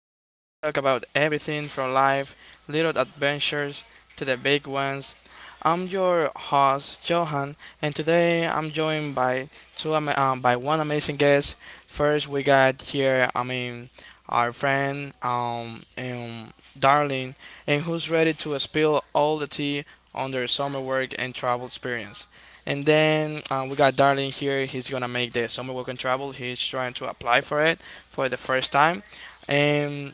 talk about everything from life, little adventures, to the big ones. I'm your host, Johan, and today I'm joined by by one amazing guest. First, we got here, I mean, our friend, Darling, and who's ready to spill all the tea on their summer work and travel experience. And then we got Darlene here. He's gonna make the summer work and travel. He's trying to apply for it for the first time, and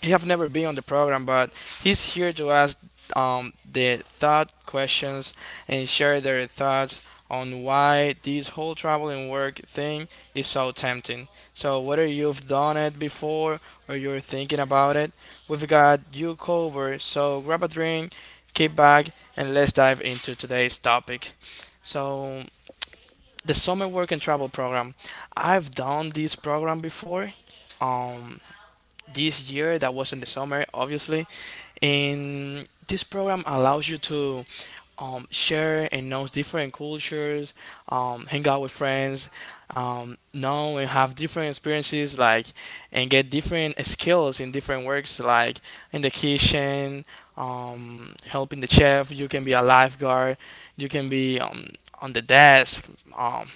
he have never been on the program, but he's here to ask the thought questions and share their thoughts on why this whole travel and work thing is so tempting. So whether you've done it before or you're thinking about it, we've got you covered. So grab a drink, kick back, and let's dive into today's topic. So the summer work and travel program, I've done this program before. Um, this year that was in the summer, obviously, and this program allows you to share and knows different cultures, hang out with friends, know and have different experiences, like, and get different skills in different works, like in the kitchen, helping the chef. You can be a lifeguard. You can be on the desk. Um,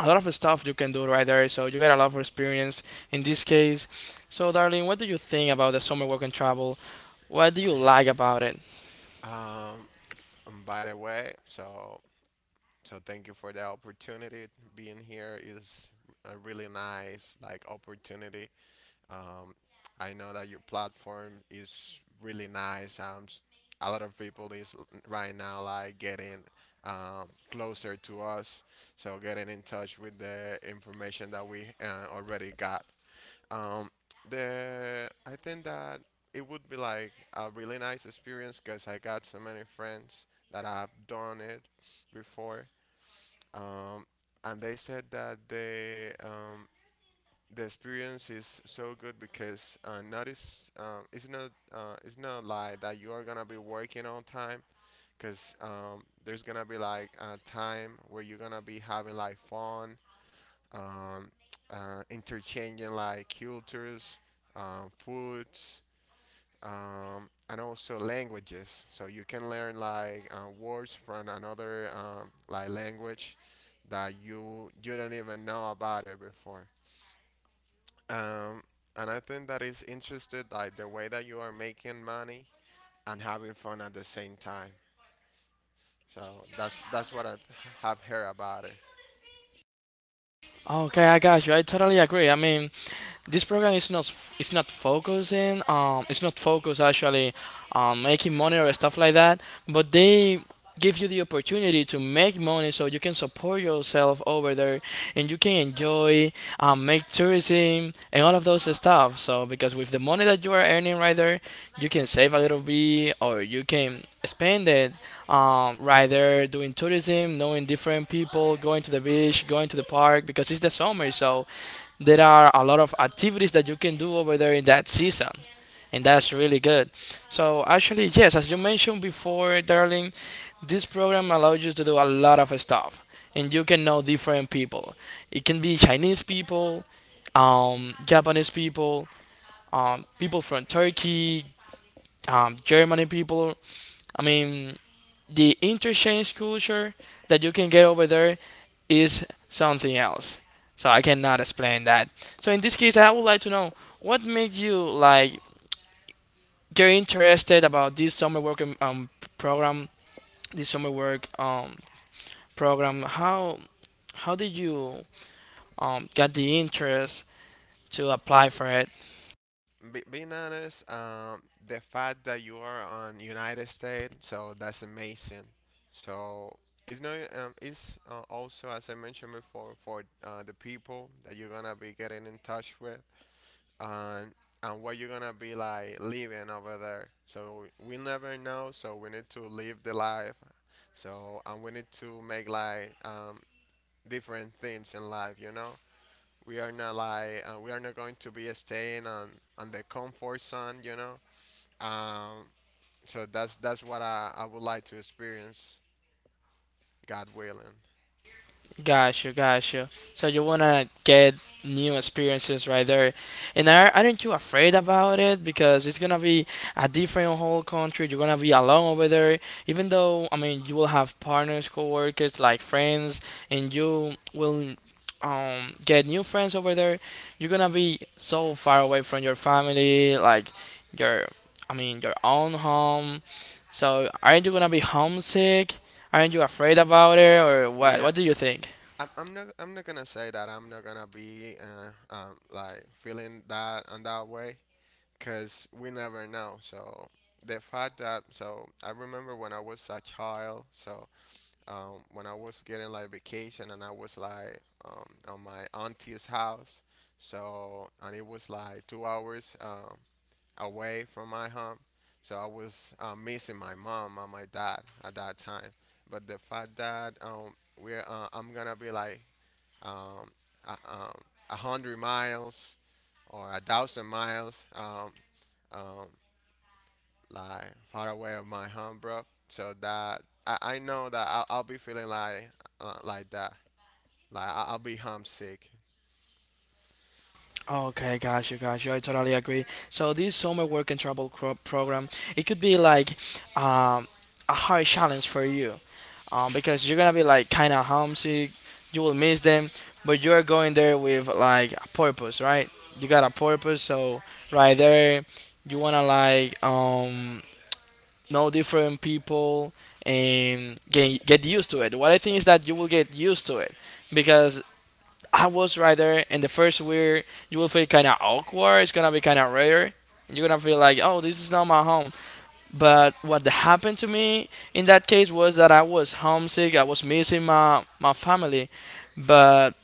a lot of stuff you can do right there. So you get a lot of experience in this case. So, darling, what do you think about the summer work and travel? What do you like about it? Um, and by the way, thank you for the opportunity. Being here is a really nice like opportunity. Um, I know that your platform is really nice. A lot of people is right now like getting closer to us, so getting in touch with the information that we already got. Um, the I think that it would be like a really nice experience because I got so many friends that have done it before. Um, and they said that they the experience is so good because not is it's not like that you are gonna be working on time because there's gonna be like a time where you're gonna be having like fun um, interchanging like cultures, foods, and also languages. So you can learn like words from another like language that you don't even know about it before. Um, and I think that is interested like the way that you are making money and having fun at the same time. So that's what I have heard about it. Okay, I got you. I totally agree. I mean, this program is not, it's not focused actually on making money or stuff like that, but they give you the opportunity to make money so you can support yourself over there, and you can enjoy, make tourism and all of those stuff, so because with the money that you are earning right there, you can save a little bit or you can spend it right there, doing tourism, knowing different people, going to the beach, going to the park, because it's the summer, so there are a lot of activities that you can do over there in that season, and that's really good. So actually, yes, as you mentioned before, darling, this program allows you to do a lot of stuff, and you can know different people. It can be Chinese people, Japanese people, people from Turkey, Germany people. I mean, the interchange culture that you can get over there is something else. So I cannot explain that. So in this case, I would like to know what made you like get interested about this summer work program, this summer work program. How did you get the interest to apply for it? Being honest, the fact that you are on United States, so that's amazing. So it's no, it's also as I mentioned before for the people that you're gonna be getting in touch with, and what you're gonna be like living over there. So we never know. So we need to live the life. So and we need to make like different things in life, you know. We are not like we are not going to be staying on the comfort zone, you know. Um, so that's what I would like to experience, God willing. Got you, got you. So you wanna get new experiences right there. Aren't you afraid about it? Because it's gonna be a different whole country. You're gonna be alone over there. Even though, I mean, you will have partners, coworkers, like friends, and you will get new friends over there. You're gonna be so far away from your family, like your, I mean, your own home. So aren't you gonna be homesick? Aren't you afraid about it, or what? Yeah, What do you think? I'm not gonna say that I'm not gonna be like feeling that on that way, cause we never know. So the fact that so I remember when I was a child, so when I was getting like vacation and I was like on my auntie's house. So, and it was like 2 hours away from my home. So I was missing my mom and my dad at that time. But the fact that I'm gonna be like um, a, um, 100 miles or 1,000 miles um, like far away of my home, bro. So that I know that I'll be feeling like that, like I'll be homesick. Okay, got you, got you. I totally agree. So this summer work and travel cro- program, it could be like um, a hard challenge for you, because you're gonna be like kind of homesick. You will miss them, but you're going there with like a purpose, right? You got a purpose, so right there, you wanna like know different people, and get used to it. What I think is that you will get used to it, because I was right there, and the first week you will feel kind of awkward. It's gonna be kind of rare. You're gonna feel like, oh, this is not my home. But what happened to me in that case was that I was homesick. I was missing my family, but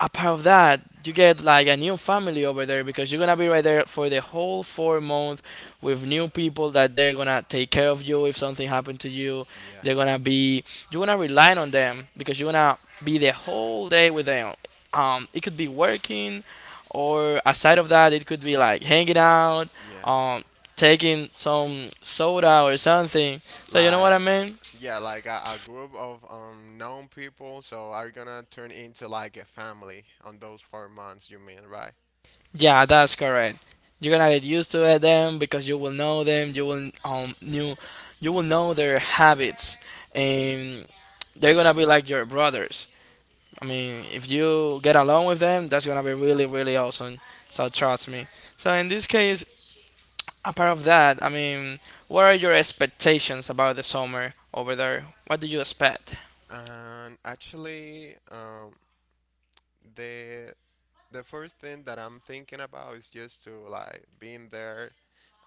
apart of that, you get like a new family over there, because you're gonna be right there for the whole 4 months with new people that they're gonna take care of you if something happened to you. Yeah, They're gonna be You're gonna rely on them, because you're gonna be the whole day with them. It could be working, or aside of that, it could be like hanging out, yeah, um, taking some soda or something. So you know what I like mean? yeah, like a group of known people. So are gonna turn into like a family on those 4 months. You mean, right? Yeah, that's correct. You're gonna get used to it then, because you will know them. You will know their habits, and they're gonna be like your brothers. I mean, if you get along with them, that's gonna be really really awesome. So trust me. So in this case, apart of that, I mean, what are your expectations about the summer over there? What do you expect? And actually, the the first thing that I'm thinking about is just to like being there,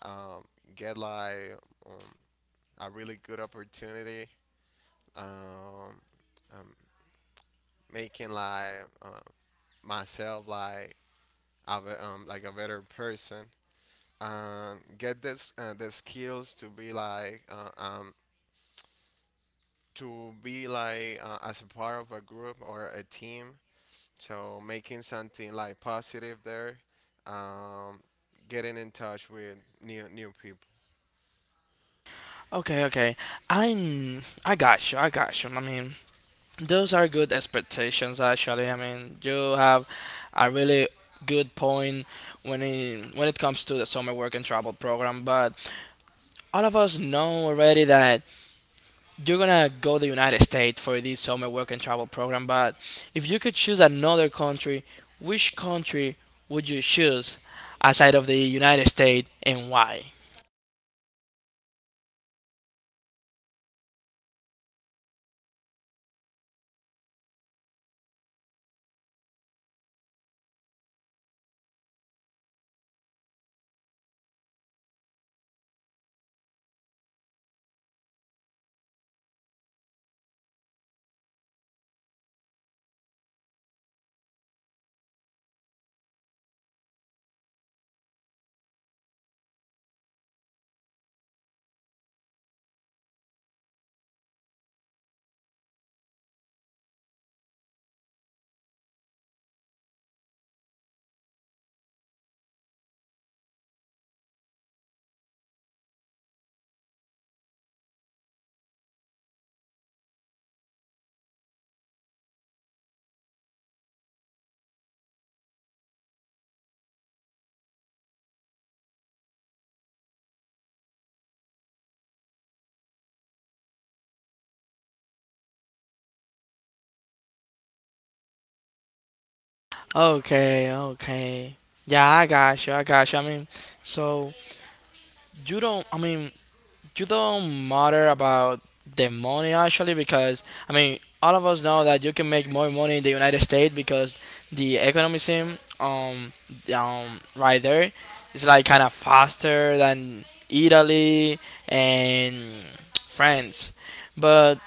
um, get like um, a really good opportunity. Um, um, making like myself like like a better person and get this the skills to be like as a part of a group or a team, so making something like positive there, um, getting in touch with new people. Okay, okay. I got you. I got you. I mean, those are good expectations actually. I mean, you have a really good point when it comes to the summer work and travel program. But all of us know already that you're gonna go to the United States for this summer work and travel program. But if you could choose another country, which country would you choose outside of the United States, and why? Okay, okay. Yeah, I got you, I got you. I mean, so you don't I mean, you don't matter about the money, actually, because I mean all of us know that you can make more money in the United States, because the economy sim right there is like kind of faster than Italy and France, but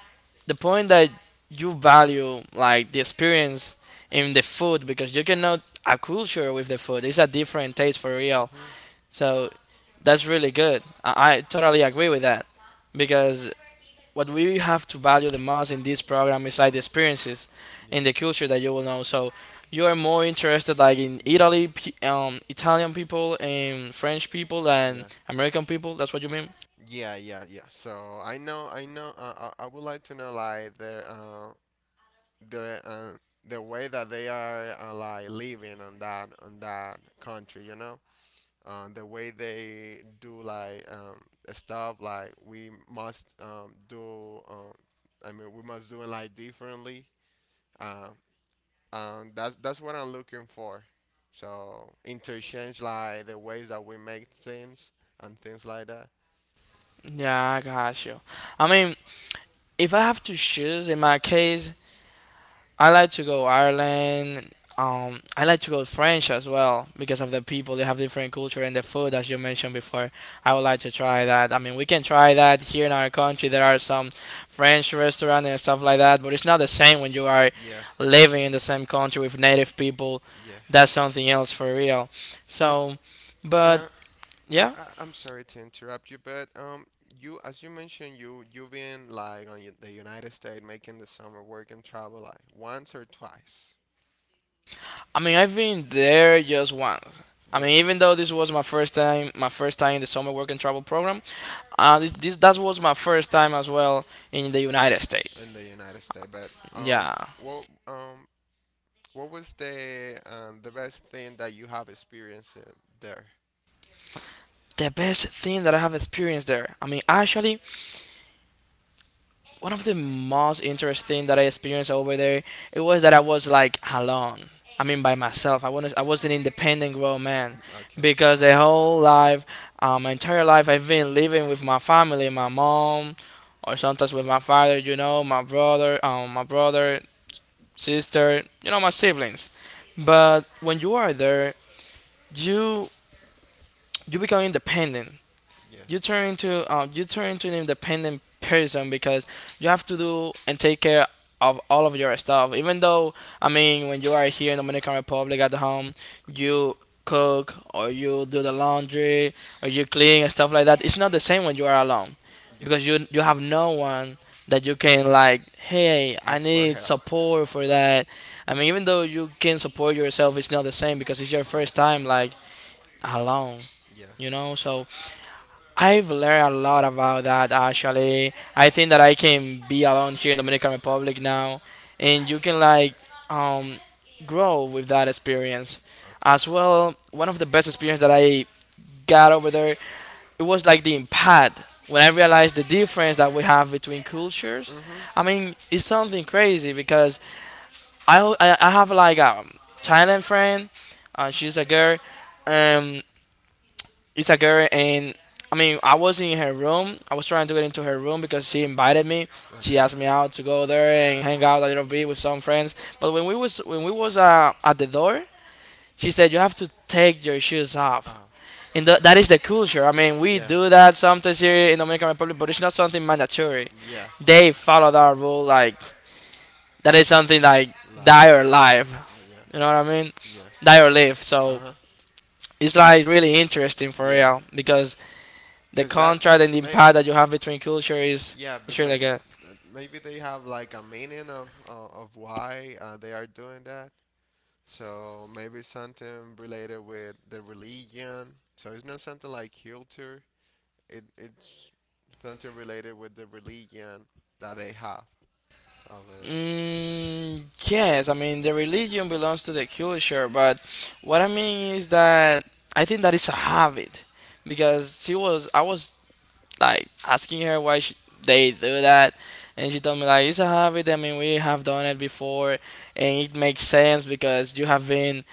the point that you value like the experience in the food, because you cannot a culture with the food, it's a different taste, for real. So that's really good. I totally agree with that, because what we have to value the most in this program is like the experiences Yeah. and the culture In. that you will know. So you are more interested like in Yeah. Italy, Italian people and French people and Yeah. American people. That's what you mean? Yeah, yeah, yeah. So I know, I know. I would like to know like the uh, the way that they are like living on that country. You know, the way they do like stuff. Like we must do. I mean, we must do it like differently. Uh, that's what I'm looking for. So interchange like the ways that we make things and things like that. Yeah, I got you. I mean, if I have to choose in my case, I like to go Ireland. I like to go French as well because of the people. They have different culture and the food, as you mentioned before. I would like to try that. I mean, we can try that here in our country. There are some French restaurants and stuff like that, but it's not the same when you are Yeah, living in the same country with native people. yeah. That's something else for real. Um, So, but uh, yeah, I'm sorry to interrupt you, but you, as you mentioned, you've been like on the United States making the summer work and travel like once or twice, I mean, I've been there just once. I mean, just one even though this was my first time in the summer work and travel program, this that was my first time as well in the United States. in the United States. But Yeah, well, um, what was the best thing that you have experienced there? the best thing that I have experienced there. I mean, actually, one of the most interesting that I experienced over there, it was that I was like alone. I mean, by myself. I was an independent grown man, Mm, okay. because my entire life, I've been living with my family, my mom, or sometimes with my father. You know, my brother, sister. You know, my siblings. But when you are there, you you become independent. Yeah. You turn into an independent person, because you have to do and take care of all of your stuff. Even though, I mean, when you are here in Dominican Republic at home, you cook or you do the laundry or you clean and stuff like that. It's not the same when you are alone, Yeah. because you have no one that you can like, hey, I Ask for need help. support for that. I mean, even though you can support yourself, it's not the same, because it's your Yeah. first time like alone, Yeah. you know. So I've learned a lot about that, actually. I think that I can be alone here in Dominican Republic now, and you can like um, grow with that experience. Okay. As well, one of the best experience that I got over there, it was like the impact when I realized the difference that we have between cultures. Mhm. I mean, it's something crazy, because I have like a Thailand friend, she's a girl, um, it's a girl, and I mean, I was in her room. I was trying to get into her room because she invited me. She Okay. asked me out to go there and hang out a little bit with some friends. But when we was at the door, she said you have to take your shoes off. Uh, And that is the culture. I mean, we yeah. do that sometimes here in Dominican Republic, but it's not something mandatory. Yeah. They follow that rule like that is something like Like, like, die or live. yeah, You know what I mean? yeah. Die or live. So Uh huh. it's like really interesting for Yeah. real because the that contract and the may, impact that you have between culture is yeah, but is may, really good. Maybe they have like a meaning of why they are doing that. So maybe something related with the religion. So it's not something like culture. It's something related with the religion that they have over there. Mm, yes, I mean the religion belongs to the culture, but what I mean is that I think that it's a habit because she was I was like asking her why she, they do that, and she told me like it's a habit. I mean we have done it before, and it makes sense because you have been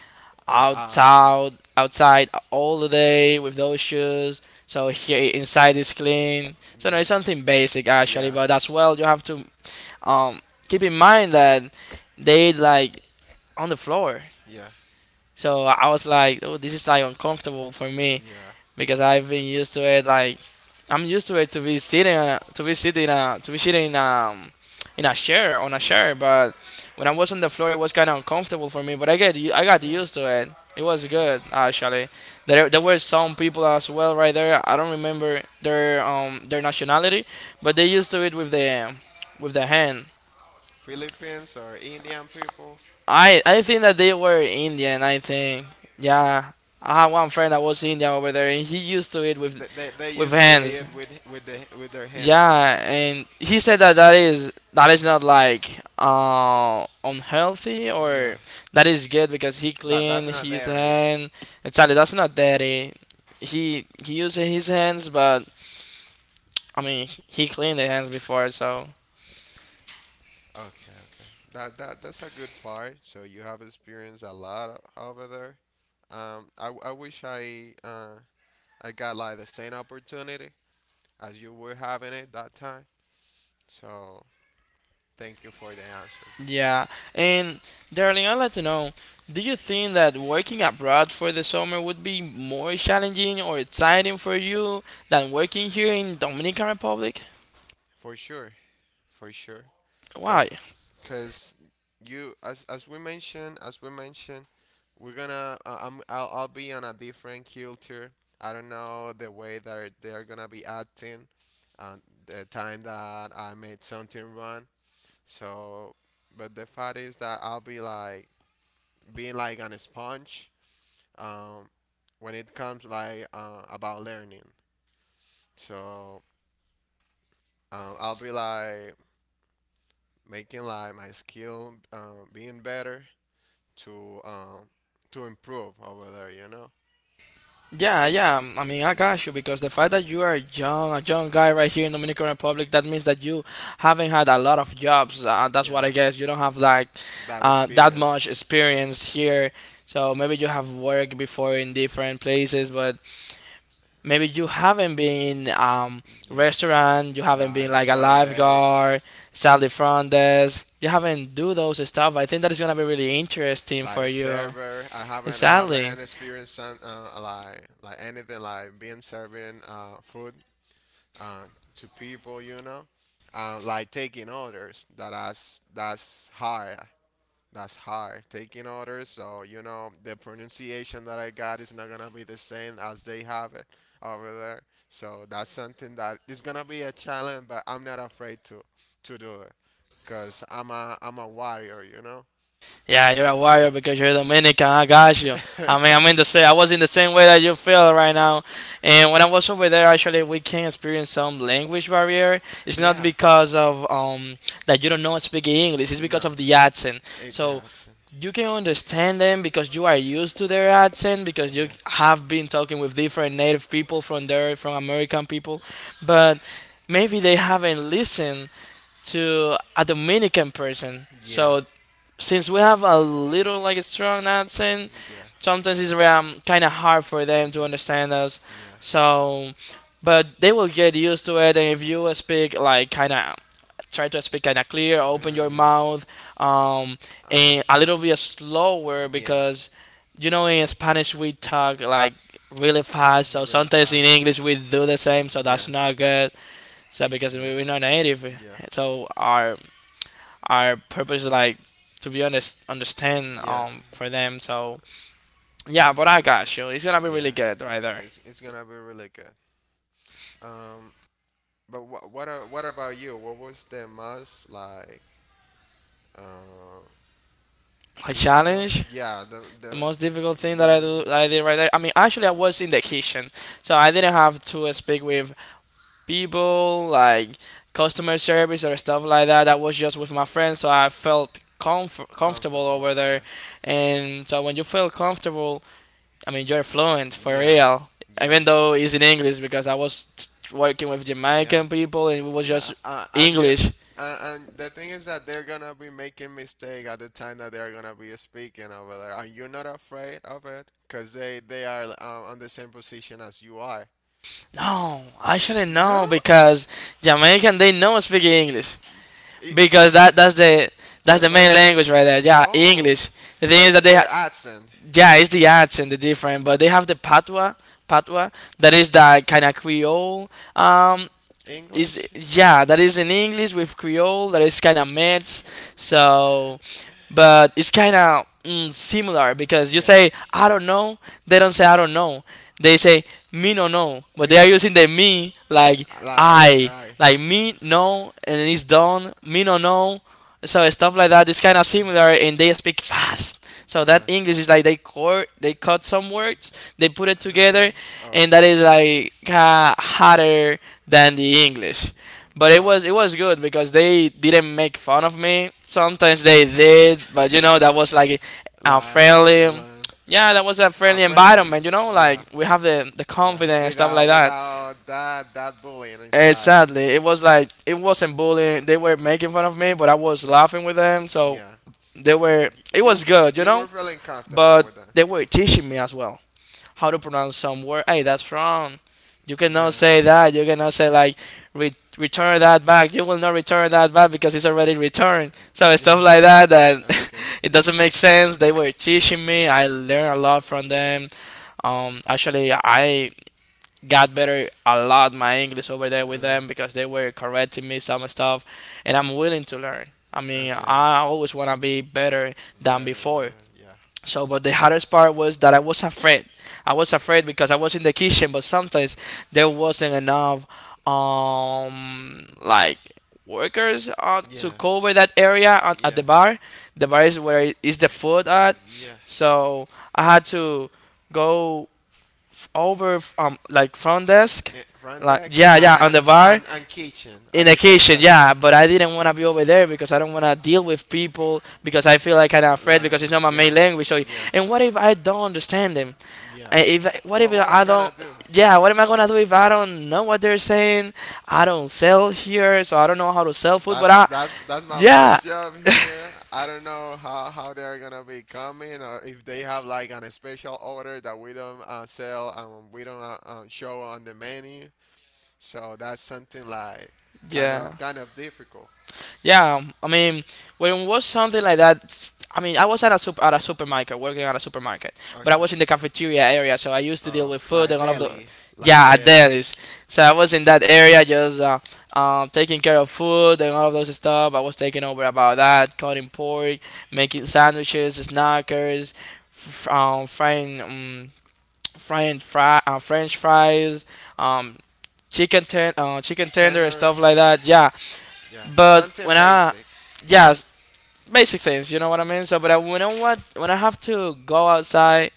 Uh, outside all the day with those shoes. So here inside is clean. So no, yeah, it's something basic yeah, actually, yeah, but as well you have to um keep in mind that they like on the floor. So I was like, oh, this is like uncomfortable for me yeah, because I've been used to it. Like I'm used to it to be sitting to be sitting to be sitting in in a chair on a yeah. chair. But when I was on the floor, it was kind of uncomfortable for me. But I got Yeah. used to it. It was good actually. There were some people as well right there. I don't remember their nationality, but they used to it with the hand. Philippines or Indian people, I think that they were Indian. I think yeah. I had one friend that was Indian over there, and he used to it they with used to hands. eat with the with their hands. Yeah, and he said that that is not like unhealthy or Yeah, that is good because he that clean that's not his dairy. hand. Exactly, that's not dirty. He uses his hands, but I mean he cleaned the hands before, so Okay, okay. That that's a good part. So you have experienced a lot over there. I wish I got like the same opportunity as you were having it that time. So thank you for the answer, bro. yeah. And darling, I'd like to know, do you think that working abroad for the summer would be more challenging or exciting for you than working here in Dominican Republic? For sure, for sure. Why? cause, cause you as we mentioned, we're gonna I'm I'll be on a different culture. I don't know the way that they're gonna be acting, and the time that I made something wrong. So, but the fact is that I'll be like being like on a sponge. Um, when it comes like about learning. So I'll be like making like my skill being better to um, to improve over there. You know, Yeah, yeah. I mean, I got you because the fact that you are young, a young guy right here in Dominican Republic, that means that you haven't had a lot of jobs. That's what I yeah, guess. You don't have like that that much experience. experience here. So maybe you have worked before in different places, but maybe you haven't been in Yeah, restaurant. You haven't been like like a front lifeguard, decks, sally front desk. You haven't do those stuff. I think that is gonna be really interesting for like you. server. I Exactly. haven't experienced some, like anything like being serving food uh, to people. You know, like taking orders. That's that's hard. That's hard. Taking orders, so you know the pronunciation that I got is not gonna be the same as they have it over there. So that's something that is gonna be a challenge, but I'm not afraid to do it, cause I'm a warrior, you know. Yeah, you're a warrior because you're Dominican. I got you. I mean, I'm in the same. I was in the same way that you feel right now. And when I was over there, actually, we can experience some language barrier. It's not yeah. because of that you don't know speak English. It's because No. of the accent. It, So that's you can understand them because you are used to their accent because yeah. you have been talking with different native people from there, from American people, but maybe they haven't listened to a Dominican person. Yeah. So since we have a little like a strong accent, Yeah. sometimes it's kind of hard for them to Yeah. understand us. Yeah. So, but they will get used to it. And if you speak like kind of try to speak kind of clear, I open your really, yeah. mouth, um, Um. and a little bit slower Yeah. because you know in Spanish we talk like really fast. Is So really sometimes in fast? English we do the same. So Yeah. that's not good. So because we, Yeah. we're not native, Yeah. so our purpose is like to be honest understand Yeah. For them. So yeah, but I got you. It's gonna be Yeah. really good right there. It's gonna be really good. Um. But what about you? What was the most like uh, A difficult? challenge. Yeah, the The the most difficult thing that the I most do that I did right there. I mean, actually, I was in the kitchen, so I didn't have to speak with people like customer service or stuff like that. That was just with my friends, so I felt comfortable comfortable. over there. Yeah, And so when you feel comfortable I mean, you're fluent for yeah, real, yeah, even though it's in English because I was working with yeah. Jamaican people and it was Yeah, just English. And the thing is that they're gonna be making mistake at the time that they're gonna be speaking over there. Are you not afraid of it, cause they are on the same position as you are. No, I shouldn't No, know because Jamaican they know speaking English it, because that that's the that's the the main first, language right there. Yeah, oh, English. The thing but is that their accent, yeah, it's the accent the different, but they have the patois, patois that is that kind of Creole um is English, yeah that is in English with Creole that is kind of mixed so but it's kind of similar because you yeah. say I don't know they don't say I don't know they say me no no but they Me are don't know. using the me like Like, I alright. like me no and then it's done me no no so stuff like that is kind of Okay. similar, and they speak fast. So that Uh, English is like they cut some words, they put it and then, together, and that okay. is like harder than the English. But it Ah. was it was good because they didn't make fun of me. Sometimes they did, But but you know that was like a like like, friendly. friendly. Yeah, that was a friendly environment, you know, Friendly. like we have the Yeah, confidence we and have the stuff yeah confidence to without talk about like it, that. without that that bullying inside. Exactly. It was like it wasn't bullying. They were making fun of me, but I was laughing with them, so Yeah, like they it wasn't so, yeah, were bad. It was You good, you you know, were feeling comfortable but but with that. It they were teaching me as well how to pronounce some word. Hey, that's wrong. You doesn't, yeah, cannot say say that. You cannot say like return that back. You will not return that back because it's already returned. So yeah. stuff like that That. that Okay. It it doesn't make sense. They were teaching me. yeah. I learned a lot from them. Actually, I got better a lot my English over there with Other. them because they were correcting me some stuff, and I'm willing to learn. I mean, Okay. I always want to be better than Better before. than yeah. So, but the hardest part was that I was afraid. I was afraid because I was in the kitchen, but sometimes there wasn't enough, like workers to Yeah. cover that area at the Yeah. bar. The bar is where is the food at. Yeah. So I had to go like front desk, Eh, front like decks yeah yeah on the bar and kitchen in at the the same kitchen time. yeah. But I didn't want to be over there because I don't want to deal with people because I feel like I'm afraid Like because it's not my yeah. main language. So Yeah. and what if I don't understand them? Yeah. If what if What I'm I gonna don't? do? Yeah, what am I gonna do if I don't know what they're saying? I don't sell here, so I don't know how to sell food. But That's I that's that's my yeah first job here. I don't know how they're gonna be coming or if they have like an special order that we don't sell and we don't show on the menu. So that's something like yeah. Kind of difficult. Yeah, I mean, when it was something like that, I mean, I was at a at a supermarket, working at a supermarket, but I Okay. was in the cafeteria area, so I used to deal Uh, with food like and all of the. daily, like Yeah, daily that is. So I was in that area, just taking care of food and all of those stuff. I was taking over about that, cutting pork, making sandwiches, snackers, f- um, frying, um, French fries, um, chicken tender, and stuff tenders. like that. Yeah, Yeah, but something when I, basics. yeah, basic things, you know what I mean. So, but I, when I have to go outside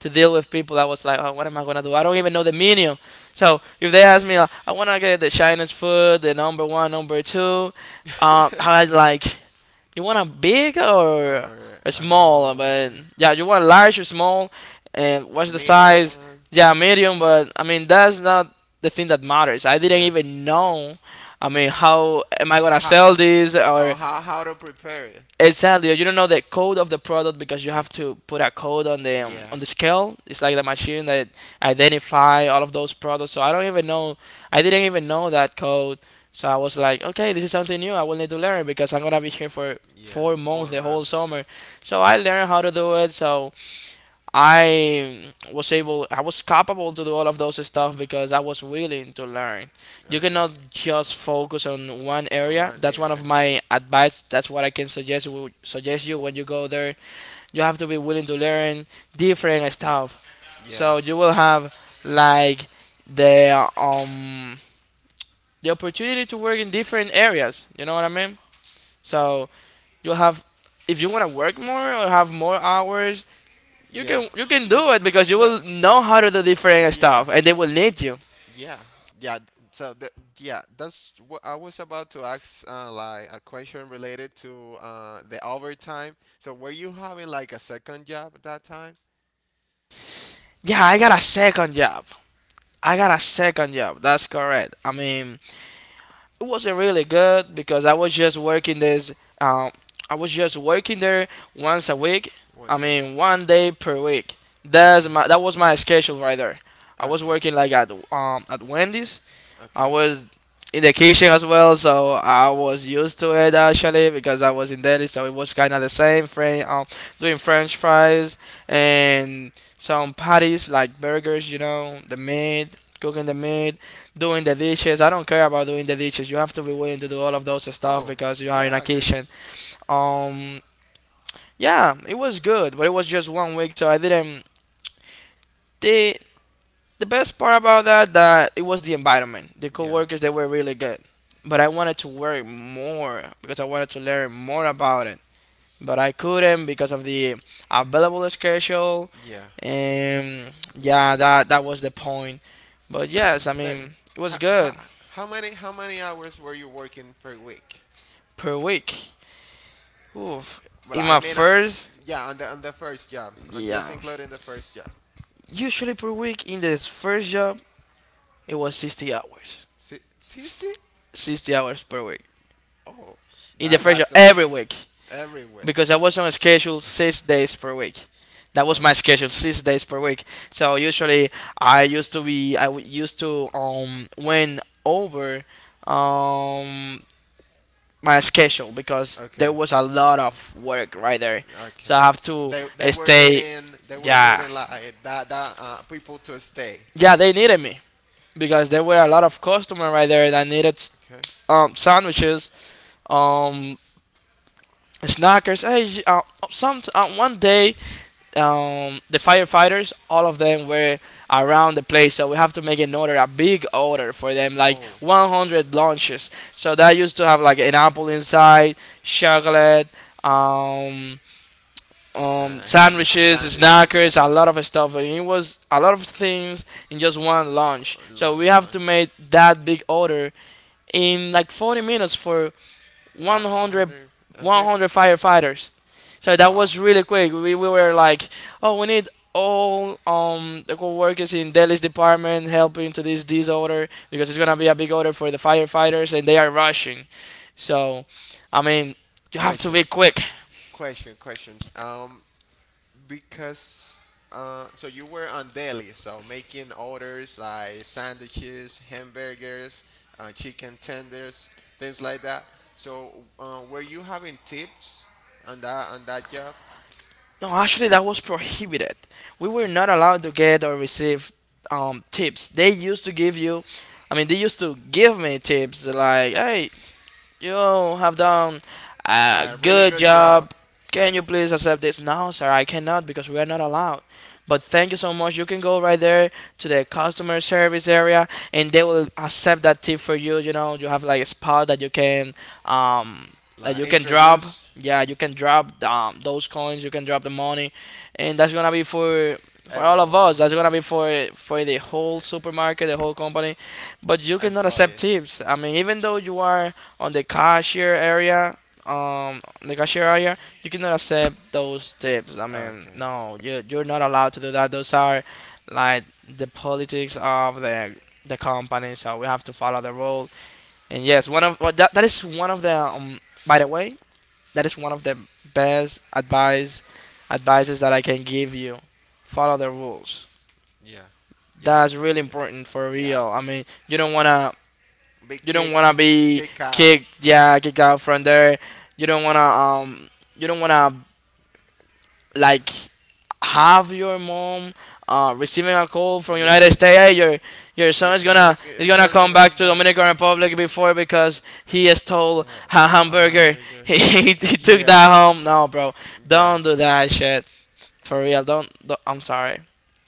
to deal with people, I was like, oh, what am I gonna do? I don't even know the menu. So if they ask me, like, I wanna get the Chinese food, the number one, number two, I like you want a big or or a small, uh. but yeah, you want large or small, and what's the Medium size? one. Yeah, Yeah, medium, but I mean that's not the thing that matters. I didn't yeah. even know. I mean, how am I gonna How sell this, or oh, how to prepare it? Exactly. You don't know the code of the product because you have to put a code Yeah. Yeah, like on the scale. It's like the machine that identify all of those products. So I don't even know. I didn't even know that code. So I was like, okay, this is something new. I will need to learn because I'm gonna be here for yeah. 4 months, Four the whole months. summer. So I learned how to do it. So I was capable to do all of those stuff because I was willing to learn. You Okay. cannot just focus on one On area. one That's one of area. my advice. That's what I can suggest you when you go there. You have to be willing to learn different stuff. Yeah, So you will have like the um the opportunity to work in different areas. You know what I mean? So you have if you want to work more or have more hours like you yeah. can But do it because you but will know how to do different yeah, stuff and they will need you. yeah, yeah. So the, yeah, that's what I was about to ask, like a question related to the overtime. So were you having like a second job at that time? Yeah, I got a second job. I got a second job. That's correct. I mean, it wasn't really good because I was just working this. Um, I was just working there once a week. I Once a week. mean, 1 day per week. Okay. That was my schedule right there. I was Okay. working like at Wendy's. I Okay. was in the kitchen as well, so I was used to it actually because I was in Delhi, so it was kind of the same. Doing French fries and some patties like burgers, you know, the meat, cooking the meat, doing the dishes. I don't care about doing the dishes. You have to be willing to do all of those stuff Oh, because you are in a yeah, cause kitchen. Um, yeah, it was good, but it was just 1 week, so I didn't did The best part about that it was the environment. The yeah, coworkers they were really good, but I wanted to work more because I wanted to learn more about it. But I couldn't because of the available schedule, yeah. and yeah, that was the point. But yes, I But mean it was how, good how, how many hours were you working per week? per week. Oof. Well, In I my mean, uh, first, yeah, on the first job. I'm just yeah, including the first job. usually per week in this first job it was 60 hours, 60? 60 hours per week Oh, in the that first that job sounds every week, every week. because I was on a schedule 6 days per week. That was my Okay. schedule, 6 days per week. So usually I used to be, I w- used to win over um my schedule because Okay. there was a lot of work right there. So Okay. I have to They were stay, needing they were yeah, needing like that that people to stay. yeah, they needed me because there were a lot of customer right there that needed Okay. Sandwiches, um, snackers. Hey, j- some 1 day the firefighters, all of them were around the place. So we have to make an order, a big order for them, like Oh. 100 lunches. So that used to have like an apple inside, chocolate, um, Ham sandwiches, sandwiches. snackers, a lot of stuff. And it was a lot of things in just one lunch. On So we one's have to lunch. make that big order in like 40 minutes for I wonder 100, if and fifth. 100 firefighters. So that Wow. was really quick. We were like, oh, we need all the co-workers in Delhi's department helping to this disorder because it's gonna be a big order for the firefighters and they are rushing. So, I mean, you have to Question, be quick. question, questions. Because so you were on deli, so making orders like sandwiches, hamburgers, chicken tenders, things like that. So were you having tips on that job? No, actually, that was prohibited. We were not allowed to get or receive tips. They used to give you, I mean, they used to give me tips like, hey, you have done a A really good good job, job. Can you please accept this? No, sir, I cannot because we are not allowed. But thank you so much. You can go right there to the customer service area and they will accept that tip for you. You know, you have like a spot um that like you can drop. introduce Yeah, you can drop those coins, you can drop the money and that's gonna be for all of everyone us. That's gonna be for the whole supermarket, the whole company. But you cannot accept employees. tips. I mean, even though you are on the cashier area, you cannot accept those tips. I mean, Okay. no, you're not allowed to do that. Those are like the politics of the company, so we have to follow the rule. And yes, one of well, That that is one of the By the way, that is one of the best advice advices that I can give you. Follow the rules. Yeah. Yeah. That's really Yeah. important for Yeah. real. I mean, Big you don't kick. wanna be Kick out. kicked, yeah, kicked out from there. You don't wanna um, you don't wanna like have your mom receiving a call from Yeah. United States. Hey, your You, son is it's gonna gonna go come back going to back. Dominican Republic before because he stole Yeah. a I have hamburger. bigger. He took Yeah. that home. No, bro, Yeah. don't do that shit. For real, don't. Don't I'm sorry.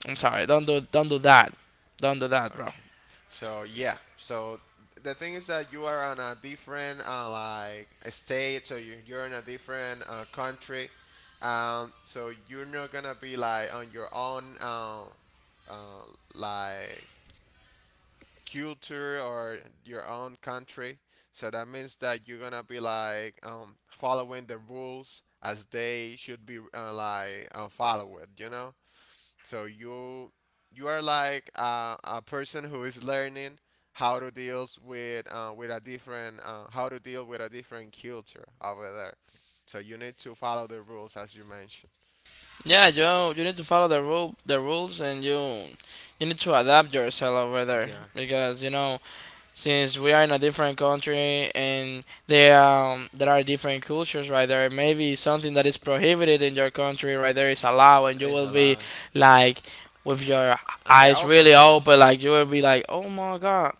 I'm sorry. Don't do that. Don't do that, bro. Okay. So yeah. So the thing is that you are on a different like state, so you're in a different country. So you're not gonna be like on your own uh, like culture or your own country. So that means that you're gonna be like following the rules as they should be like followed, you know? So you are like a person who is learning how to deals with a different how to deal with a different culture over there. So you need to follow the rules as you mentioned. Yeah, you need to follow the rules and you need to adapt yourself over there Yeah. because you know since we are in a different country and there are different cultures right there. Maybe something that is prohibited in your country right there is allowed and you It's will a be lot. like with your And the eyes really opposite. open, like you will be like, oh my god,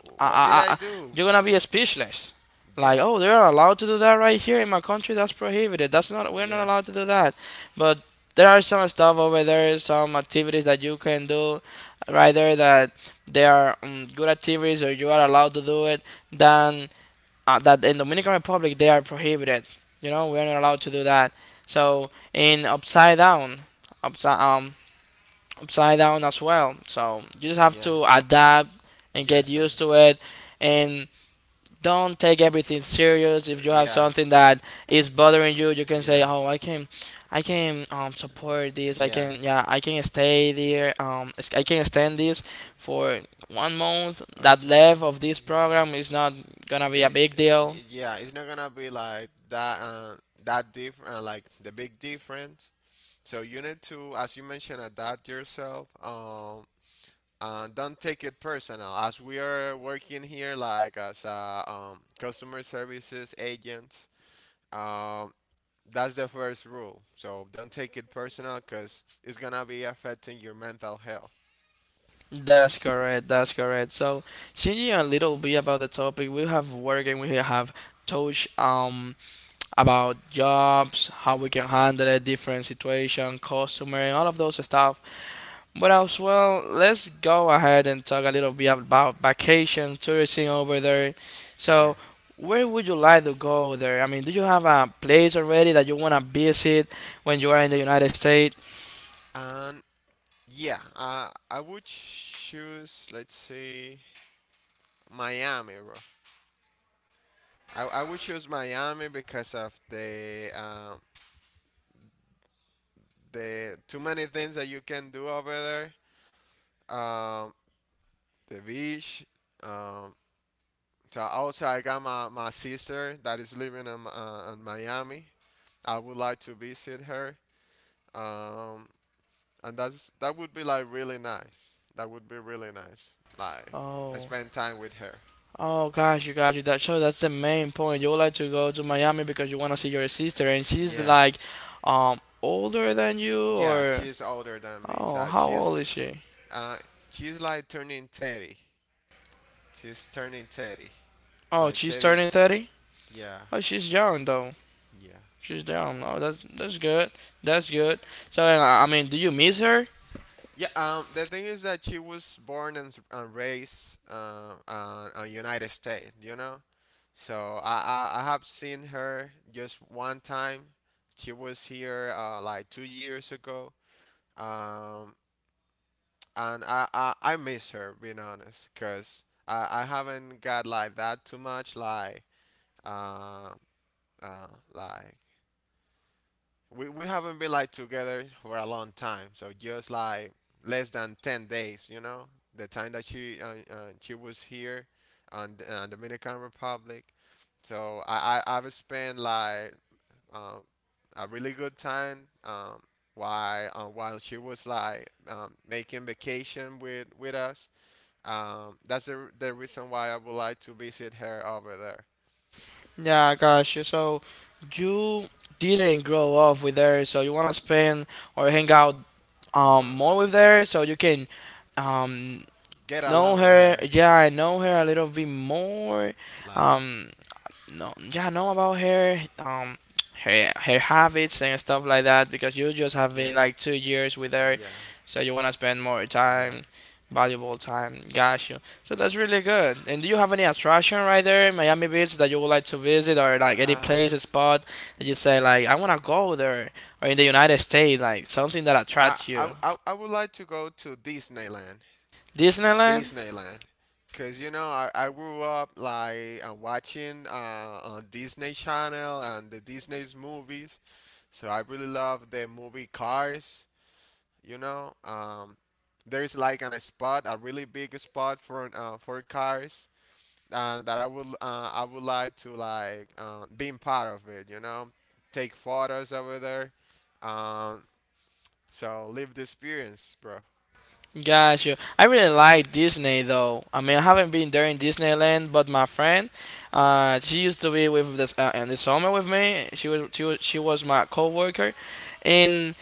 What did I, I I, I, do? you're gonna be speechless. Like, Yeah. oh, they're allowed to do that right here. In my country, that's prohibited. That's not. We're not Yeah. allowed to do that. But there are some stuff over there, some activities that you can do right there that they are good activities or you are allowed to do it. Then that in Dominican Republic they are prohibited. You know, we're not allowed to do that. So in upside down, upside um upside down as well. So you just have Yeah. to adapt and get used Yourself. to it and don't take everything serious. Uh, If you have yeah. something that is bothering you, you can say, Yeah. "Oh, I can, support this. I Yeah. can, yeah, I can stay there. I can extend this for 1 month. Or That too left of this program is not gonna be a big It, deal." y- yeah, it's not gonna be like that. That different, like the big difference. So you need to, as you mentioned, adapt yourself. Don't take it personal, as we are working here like as customer services agents. Um, that's the first rule. So don't take it personal, cause it's gonna be affecting your mental health. That's correct. That's correct. So, changing a little bit about the topic, we have working. We have touched about jobs, how we can handle a different situation, customer, and all of those stuff. But as well, let's go ahead and talk a little bit about vacation, tourism over there. Yeah. So, where would you like to go there? I mean, do you have a place already that you want to visit when you are in the United States? And yeah, I would choose, let's see, Miami, bro. I would choose Miami because of the too many things that you can do over there. The beach, um, so also I got my sister that is living in Miami. I would like to visit her. Um, and that would be like really nice. That would be really nice. Like Oh. I spend time with her. Oh, gosh, you got you. That show, that's the main point. You would like to go to Miami because you want to see your sister, and she's Yeah. like, older than you. Yeah, Yeah, or she's older than me. oh, so So how old is she? uh she's like turning 30. She's turning 30. Oh, Like she's 30. turning 30? Yeah. Oh, she's young though. Yeah. She's young. Oh, that's good. That's good. So, I mean, do you miss her? Yeah, the thing is that she was born and, and raised United States, you know? So I have seen her just one time. She was here like 2 years ago. Um, and I miss her, being honest, because I haven't got like that too much, uh, uh, like we haven't been like together for a long time, so just like less than 10 days, you know, the time that she was here on Dominican Republic. So I've spent like uh, a really good time while she was like making vacation with us. That's the reason why I would like to visit her over there. Yeah, gosh. So, you didn't grow up with her, so you wanna spend or hang out Mm, uh, more with her, so you can um Get know along with her, her, yeah, I know her a little bit more. like. Um, no, yeah, I know about her, her habits and stuff like that because you just have Yeah. been like 2 years with her, Yeah. so you wanna spend more Yeah. time, valuable time. Got you. So that's really good. And do you have any attraction right there in Miami Beach that you would like to visit or like any Uh, place, a spot that you n- say like I wanna go there or in the United States, like something that I, attracts I, you? I I would like to go to Disneyland. Disneyland? Disneyland. Because, you know, I grew up like watching on Disney Channel and the Disney's movies. So I really love the movie Cars. You know, there is like a spot, a really big spot for cars, and that I would I would like to like being part of it, you know, take photos over there, um, so live the experience, bro. Got you. I really like Disney though. I mean, I haven't been there in Disneyland, but my friend, she used to be with this in the summer with me. She was my coworker, and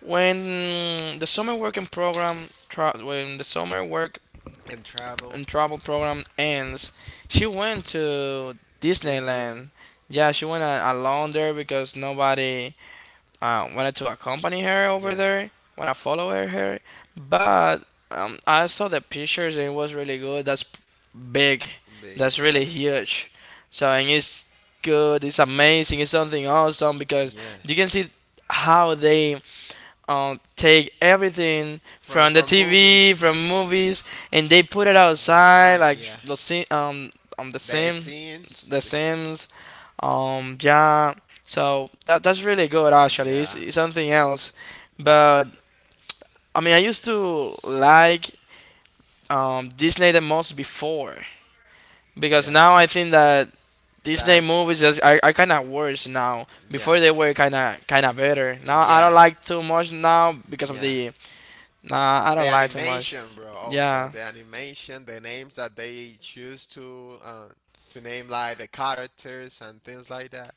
when the summer work And travel. and travel program ends, she went to Disneyland. Disneyland. Yeah, she went alone there because nobody Uh, wanted to accompany her over yeah. there, want to follow her. But I saw the pictures and it was really good. That's big, Big. that's really huge. So, and it's good, it's amazing, it's something awesome because Yeah. you can see how they take everything From from the TV, movies. from movies, and they put it Yeah, outside, like yeah. Um, the The Sim, scenes. the The, Sims, yeah, so that that's really good actually. Yeah. It's something else, That. but I mean, I used to like Disney the most before because Yeah. now I think that Disney That's. movies are kind of worse now. Yeah. Before they were kind of better. Now I Yeah. don't like too much now because of Yeah. the nah. I The don't like too much. animation, bro. Also, Yeah, the animation, the names that they choose to name, like the characters and things like that.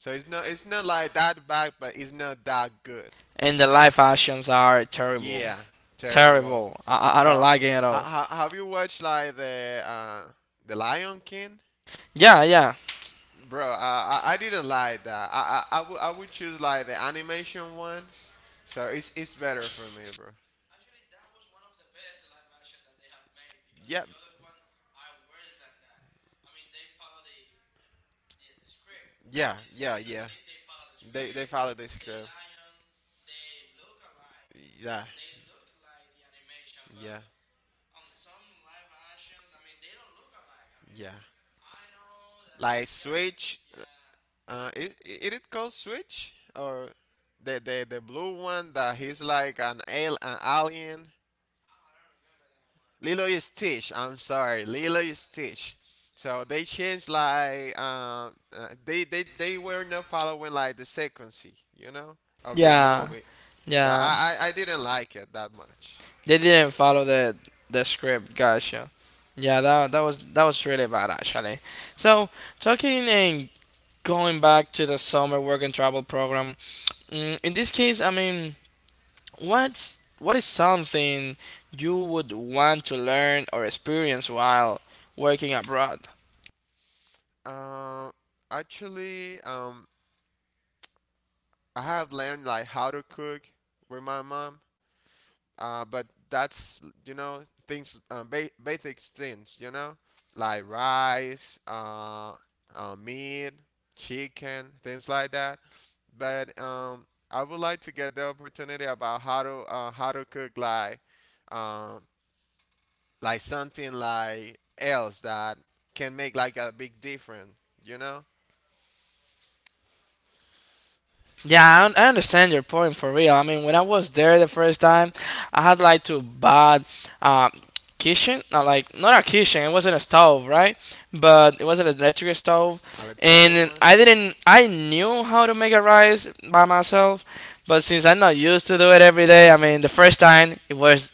So it's not, it's not like that bad, but it's not that good. and the live actions are terrible, Yeah, terrible. terrible. I don't So like it at all. Have you watched like the Lion King? Yeah, yeah, Bro, I didn't like that. I, I would, I would choose like the animation one. So it's better for me, bro. Yep. Yeah, yeah, yeah. They, follow the script. Yeah, yeah, yeah. Like Switch, is it called Switch or the blue one that he's like an alien. Lilo is Stitch. I'm sorry, Lilo is Stitch. So they changed like they were not following like the sequence, you know, of the yeah, movie. So yeah. I didn't like it that much. They didn't follow the script. Gotcha. Yeah, that that was really bad actually. So talking and going back to the summer work and travel program. In this case, I mean, what is something you would want to learn or experience while working abroad? Uh, actually, I have learned like how to cook with my mom, but that's, you know, things basic things, you know, like rice, meat, chicken, things like that. But I would like to get the opportunity about how to cook um, like something like else that can make like a big difference, you know, Yeah, I understand your point for real. I mean, when I was there the first time, I had like to buy um, kitchen, not like not a kitchen. It wasn't a stove, right? But it was an electric stove, electronic and one. I didn't. I knew how to make a rice by myself, but since I'm not used to do it every day, I mean, the first time it was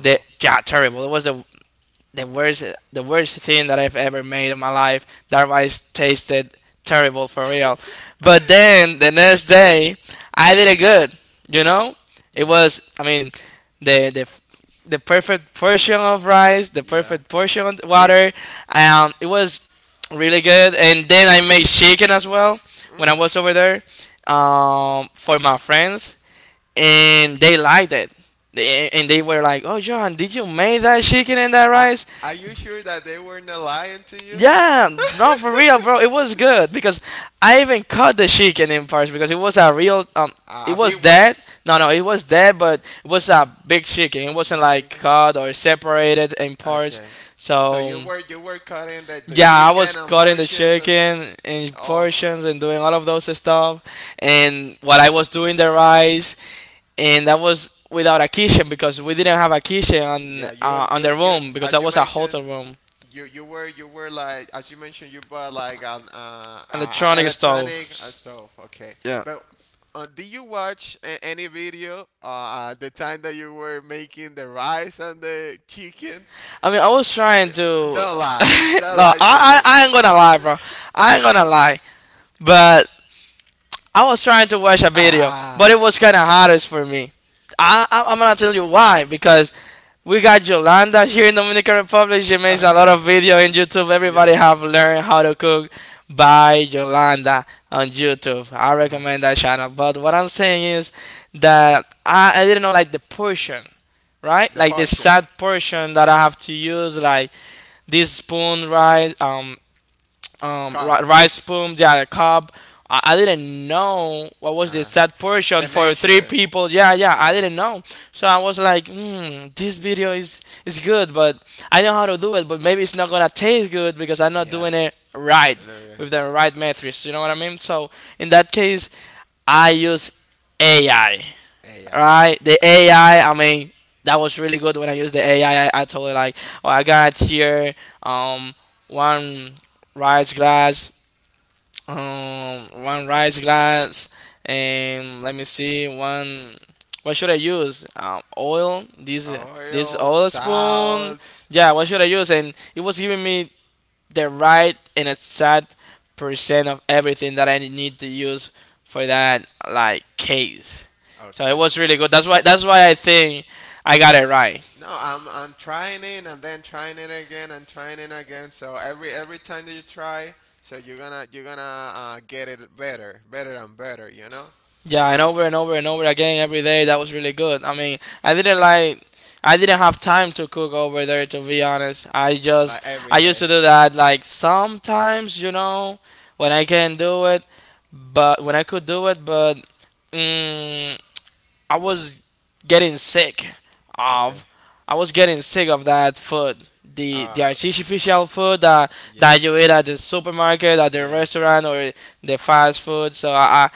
the yeah terrible. It was the worst, the worst thing that I've ever made in my life. That rice tasted terrible for real. But then the next day I did it good, you know? It Yeah. was, I mean, the the perfect portion of rice, the Yeah. perfect portion of They. water. It was really good, and then I made chicken as well when I Mm. was over there for my friends, and they liked it. And they were like, "Oh, John, did you make that chicken and that Are, rice?" are you sure that they weren't lying to you? Yeah, no, for real, bro. It was good because I even cut the chicken in parts because it was a real It A big was one? dead. No, no, it was dead, but it was a big chicken. It A wasn't big like chicken? cut or separated in parts. Okay. So So you were cutting the yeah, I was chicken and cutting the portions and chicken in oh portions and doing all of those stuff. And while I was doing the rice, and that was without a kitchen because we didn't have a kitchen yeah on the you, room because as that you was a mentioned, hotel room you were, you were like, as you mentioned, you bought like an electronic stove. electronic stuff, okay. Yeah. But did you watch any video at the time that you were making the rice and the chicken? I mean, I was trying to. Don't lie, don't No, lie to I, me. I I ain't gonna lie, bro. I ain't gonna lie, but I was trying to watch a video, but Ah, it was kind of hardest for me. I'm gonna tell you why, because we got Yolanda here in Dominican Republic. She makes a lot okay. of video in YouTube. Everybody Yeah. have learned how to cook by Yolanda on YouTube. I Uh-huh. recommend that channel. But what I'm saying is that I didn't know like the portion, right? The Like the portion. sad portion that I have to use, like this spoon, right? Cup. Rice spoon, they had a cup. I didn't know what was the Uh, set portion the for three measure. people. Yeah, yeah, I Yeah. didn't know. So I was like, hmm, this video is good, but I know how to do it, but maybe it's not gonna taste good because I'm not Yeah. doing it right Literally. with the right metrics. You know what I mean? So in that case, I use AI. Yeah. Alright, the Okay. AI, I mean, that was really good when I used the AI. I told it like, oh, I got here um one rice glass, one rice glass, and let me see one. What should I use? Oil. This Oil, oil spoon. salt. Yeah. What should I use? And it was giving me the right and exact percent of everything that I need to use for that like case. So it Okay. was really good. That's why I think I got it right. No, I'm trying it and then trying it again and trying it again. So every time that you try, so you're gonna get it better, better and better. You know, Yeah, and over and over and over again every day that was really good. I mean, I didn't like, I didn't have time to cook over there to be honest. I like just every I used day. to do that like sometimes, you know, when I can do it, but when I could do it, but mm, I was getting sick Okay. of. I was getting sick of that food. The Uh, artificial food that yeah. that you eat at the supermarket, at the Yeah. restaurant, or the fast food. So I, I,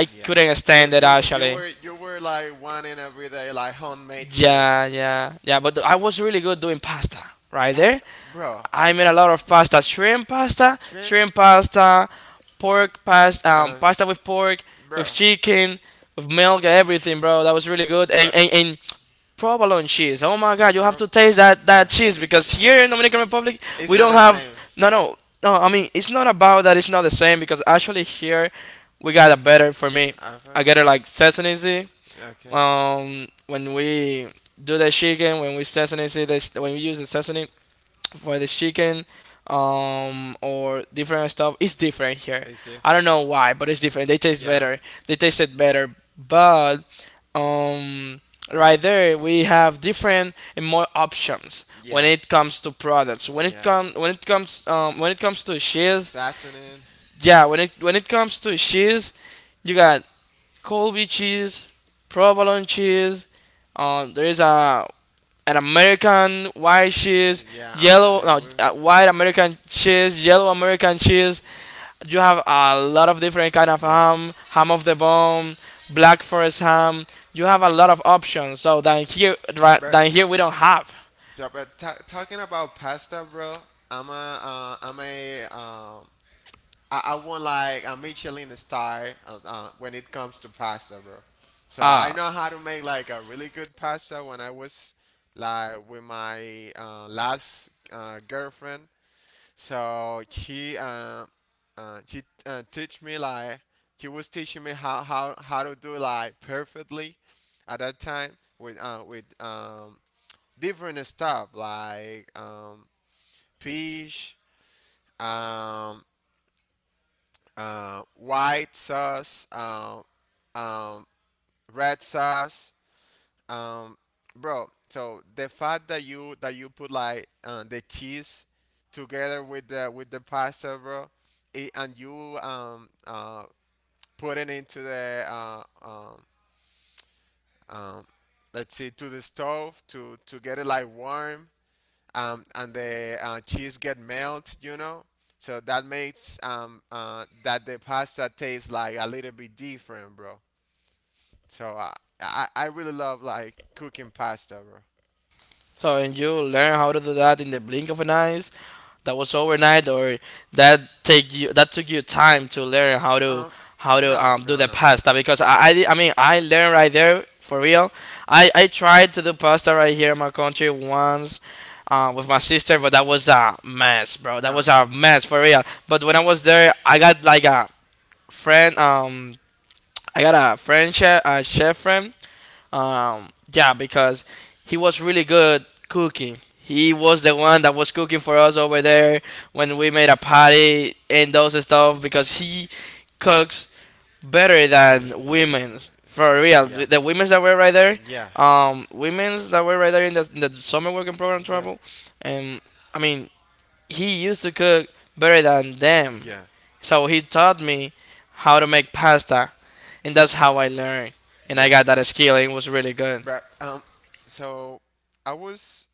I Yeah. couldn't stand it You actually. were, you were like wanting every day like homemade food. Yeah, yeah, yeah. But I was really good doing pasta right there. Pasta, bro. I made a lot of pasta: Shrimp, shrimp pasta, pork pasta, uh, pasta with pork, with bro, chicken, with milk, everything, bro. That was really good. bro, And and provolone cheese. Oh my God, you have bro. to taste that Yeah, cheese, because yeah. here in Dominican Republic It's we not don't the have. same. No, no, no. I mean, it's not about that. It's not the same because actually here we Ever? got a better for me. I get it like sesame seed. Okay. When we do the chicken, when we sesame seed, the, when we use the sesame, for the chicken or different stuff, it's different here. I don't know why, but it's different, they taste Yeah. better, they tasted better. But um right there we have different and more options when Yeah. it comes to products, when it Yeah. comes, when it comes, when it comes to cheese, Assassin. yeah, when it, when it comes to cheese, you got Colby cheese, provolone cheese. There is a, an American white cheese, Yeah. yellow yellow it no, will. White American cheese, yellow American cheese. You have a lot of different kind of Yeah. ham, ham of the bone, black forest ham. You have a lot of options. So than here, right, But than here we don't have. yeah, but ta talking about pasta, bro, I'm a, I want like a Michelin star when it comes to pasta, bro. So I Ah, know how to make like a really good pasta when I was like with my last girlfriend. So she teach me like she was teaching me how, how to do like perfectly at that time with different stuff like fish, um, white sauce, um red sauce. Um, bro, so the fact that you put like the cheese together with the pasta, bro, it, and you put it into the um let's see, to the stove to get it like warm, um, and the cheese get melt, you know. So that makes that the pasta tastes like a little bit different, bro. So I really love like cooking pasta, bro. so and you learn how to do that in the blink of an eye. That was overnight, or that take you, that took you time to learn how to, Um, how to no, do the no. pasta? Because I di- I mean I learned right there for real. I tried to do pasta right here in my country once. With my sister, but that was a mess, bro. That No, was no. a mess for real. But when I was there, I got like a friend. I got a friend chef, a chef friend, yeah, because he was really good cooking. He was the one that was cooking for us over there when we made a patty and those stuff, because he cooks better than women's for real. Yeah. The women's that were right there, Yeah. Women's that were right there in the summer working program Yeah. travel, and I mean he used to cook better than them. Yeah. So he taught me how to make pasta, and that's how I learned. And I Yeah. got that skill, and it was really good. But so I was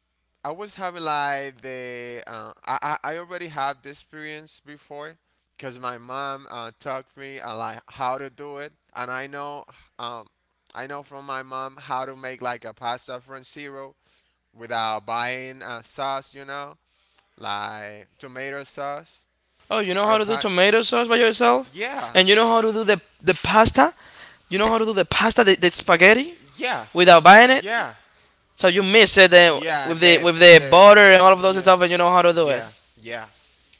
I was having like the I already had this experience before because my mom taught me like how to do it, and I know um, I know from my mom how to make like a pasta from zero without buying sauce, you know, like tomato sauce Oh, you know or how to do tomato sauce by yourself? yeah And you know how to do the pasta? You know how to do the pasta, the spaghetti yeah without buying it? yeah So y- you mix it yeah with the, with the they butter and all of those yeah stuff, and you know how to do it. yeah yeah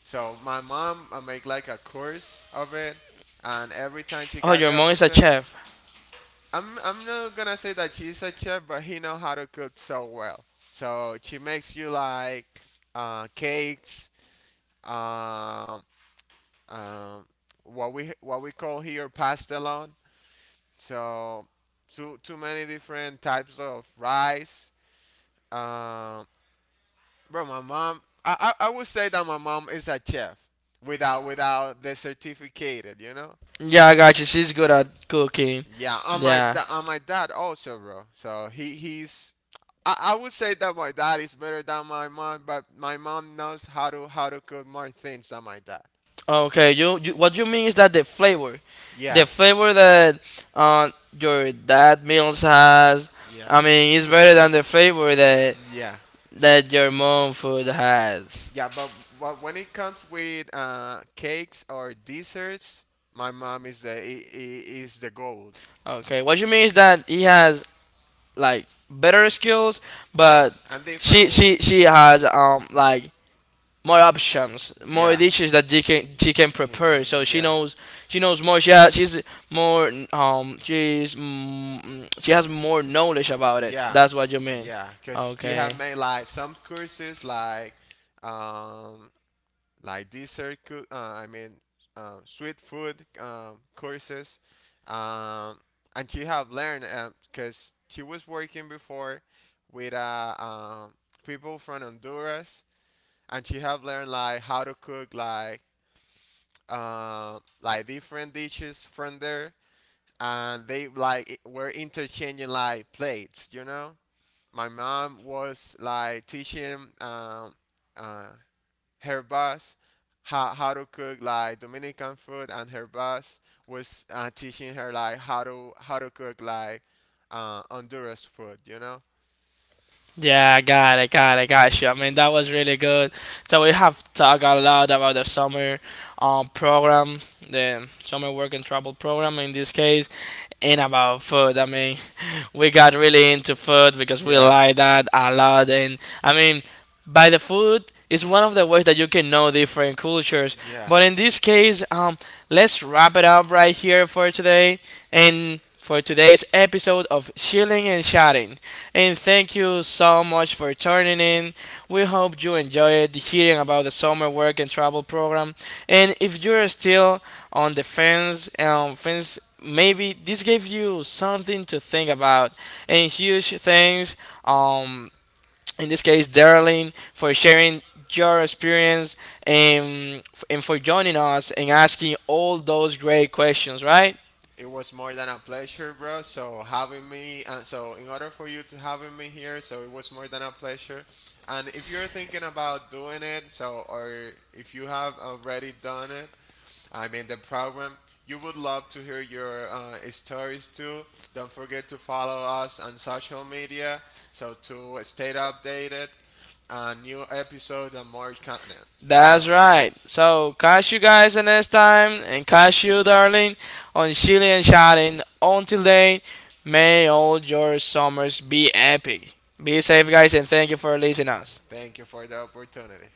so my mom I make like a course of it and every time she Oh, got your the mom is a opportunity chef. I'm, not gonna say that she's a chef, but he know how to cook so well. So she makes you like cakes, um, um, what we, call here pastelon, so too many different types of rice, um, bro, my mom. I I would say that my mom is a chef without the certificate. You know. Yeah, I got you. She's good at cooking. Yeah, and Yeah. And my dad also, bro. So he he's. I would say that my dad is better than my mom, but my mom knows how to cook more things than my dad. Okay. You what you mean is that the Yeah. flavor that uh, your dad meals has, Yeah. I mean, it's better than the flavor that Yeah. that your mom food has. Yeah, but when it comes with cakes or desserts, my mom is is the gold. Okay, what you mean is that he has like better skills, but And different she she ones. she has like more options, more Yeah. dishes that she can Yeah, prepare. So she yeah. knows, she knows more. She has, she's more she has more knowledge about it. Yeah, That's what you mean. yeah, because she Okay. had made like some courses, um, like dessert, I mean, sweet food courses, um, and she have learned because she was working before with people from Honduras, and she have learned like how to cook like different dishes from there, and they like were interchanging like plates, you know. My mom was like teaching um, uh, her boss how, to cook like Dominican food, and her boss was teaching her like how to cook like Honduras food. You know? Yeah, I got it, got it, got you. I mean, that was really good. So we have talked a lot about the summer program, the summer work and travel program in this case, and about food. I mean, we got really into food because we Yeah, like that a lot. And I mean, by the food is one of the ways that you can know different cultures. yeah. But in this case, let's wrap it up right here for today and for today's episode of Chilling and Chatting. And thank you so much for tuning in. We hope you enjoyed hearing about the summer work and travel program. And if you're still on the fence, maybe this gave you something to think about. And huge thanks. Um, in this case, Darlene, for sharing your experience and and for joining us and asking all those great questions, right? It was more than a pleasure, bro. So having me, and so in order for you to having me here, so it was more than a pleasure. And if you're thinking about doing it, so or if you have already done it, I mean the program, you would love to hear your stories too. Don't forget to follow us on social media, so to stay updated on new episodes and more content. So. That's right. So catch you guys the next time, and catch you, Darlene, on Chile and Shouting. Until then, may all your summers be epic. Be safe, guys, and thank you for listening us. Thank you for the opportunity.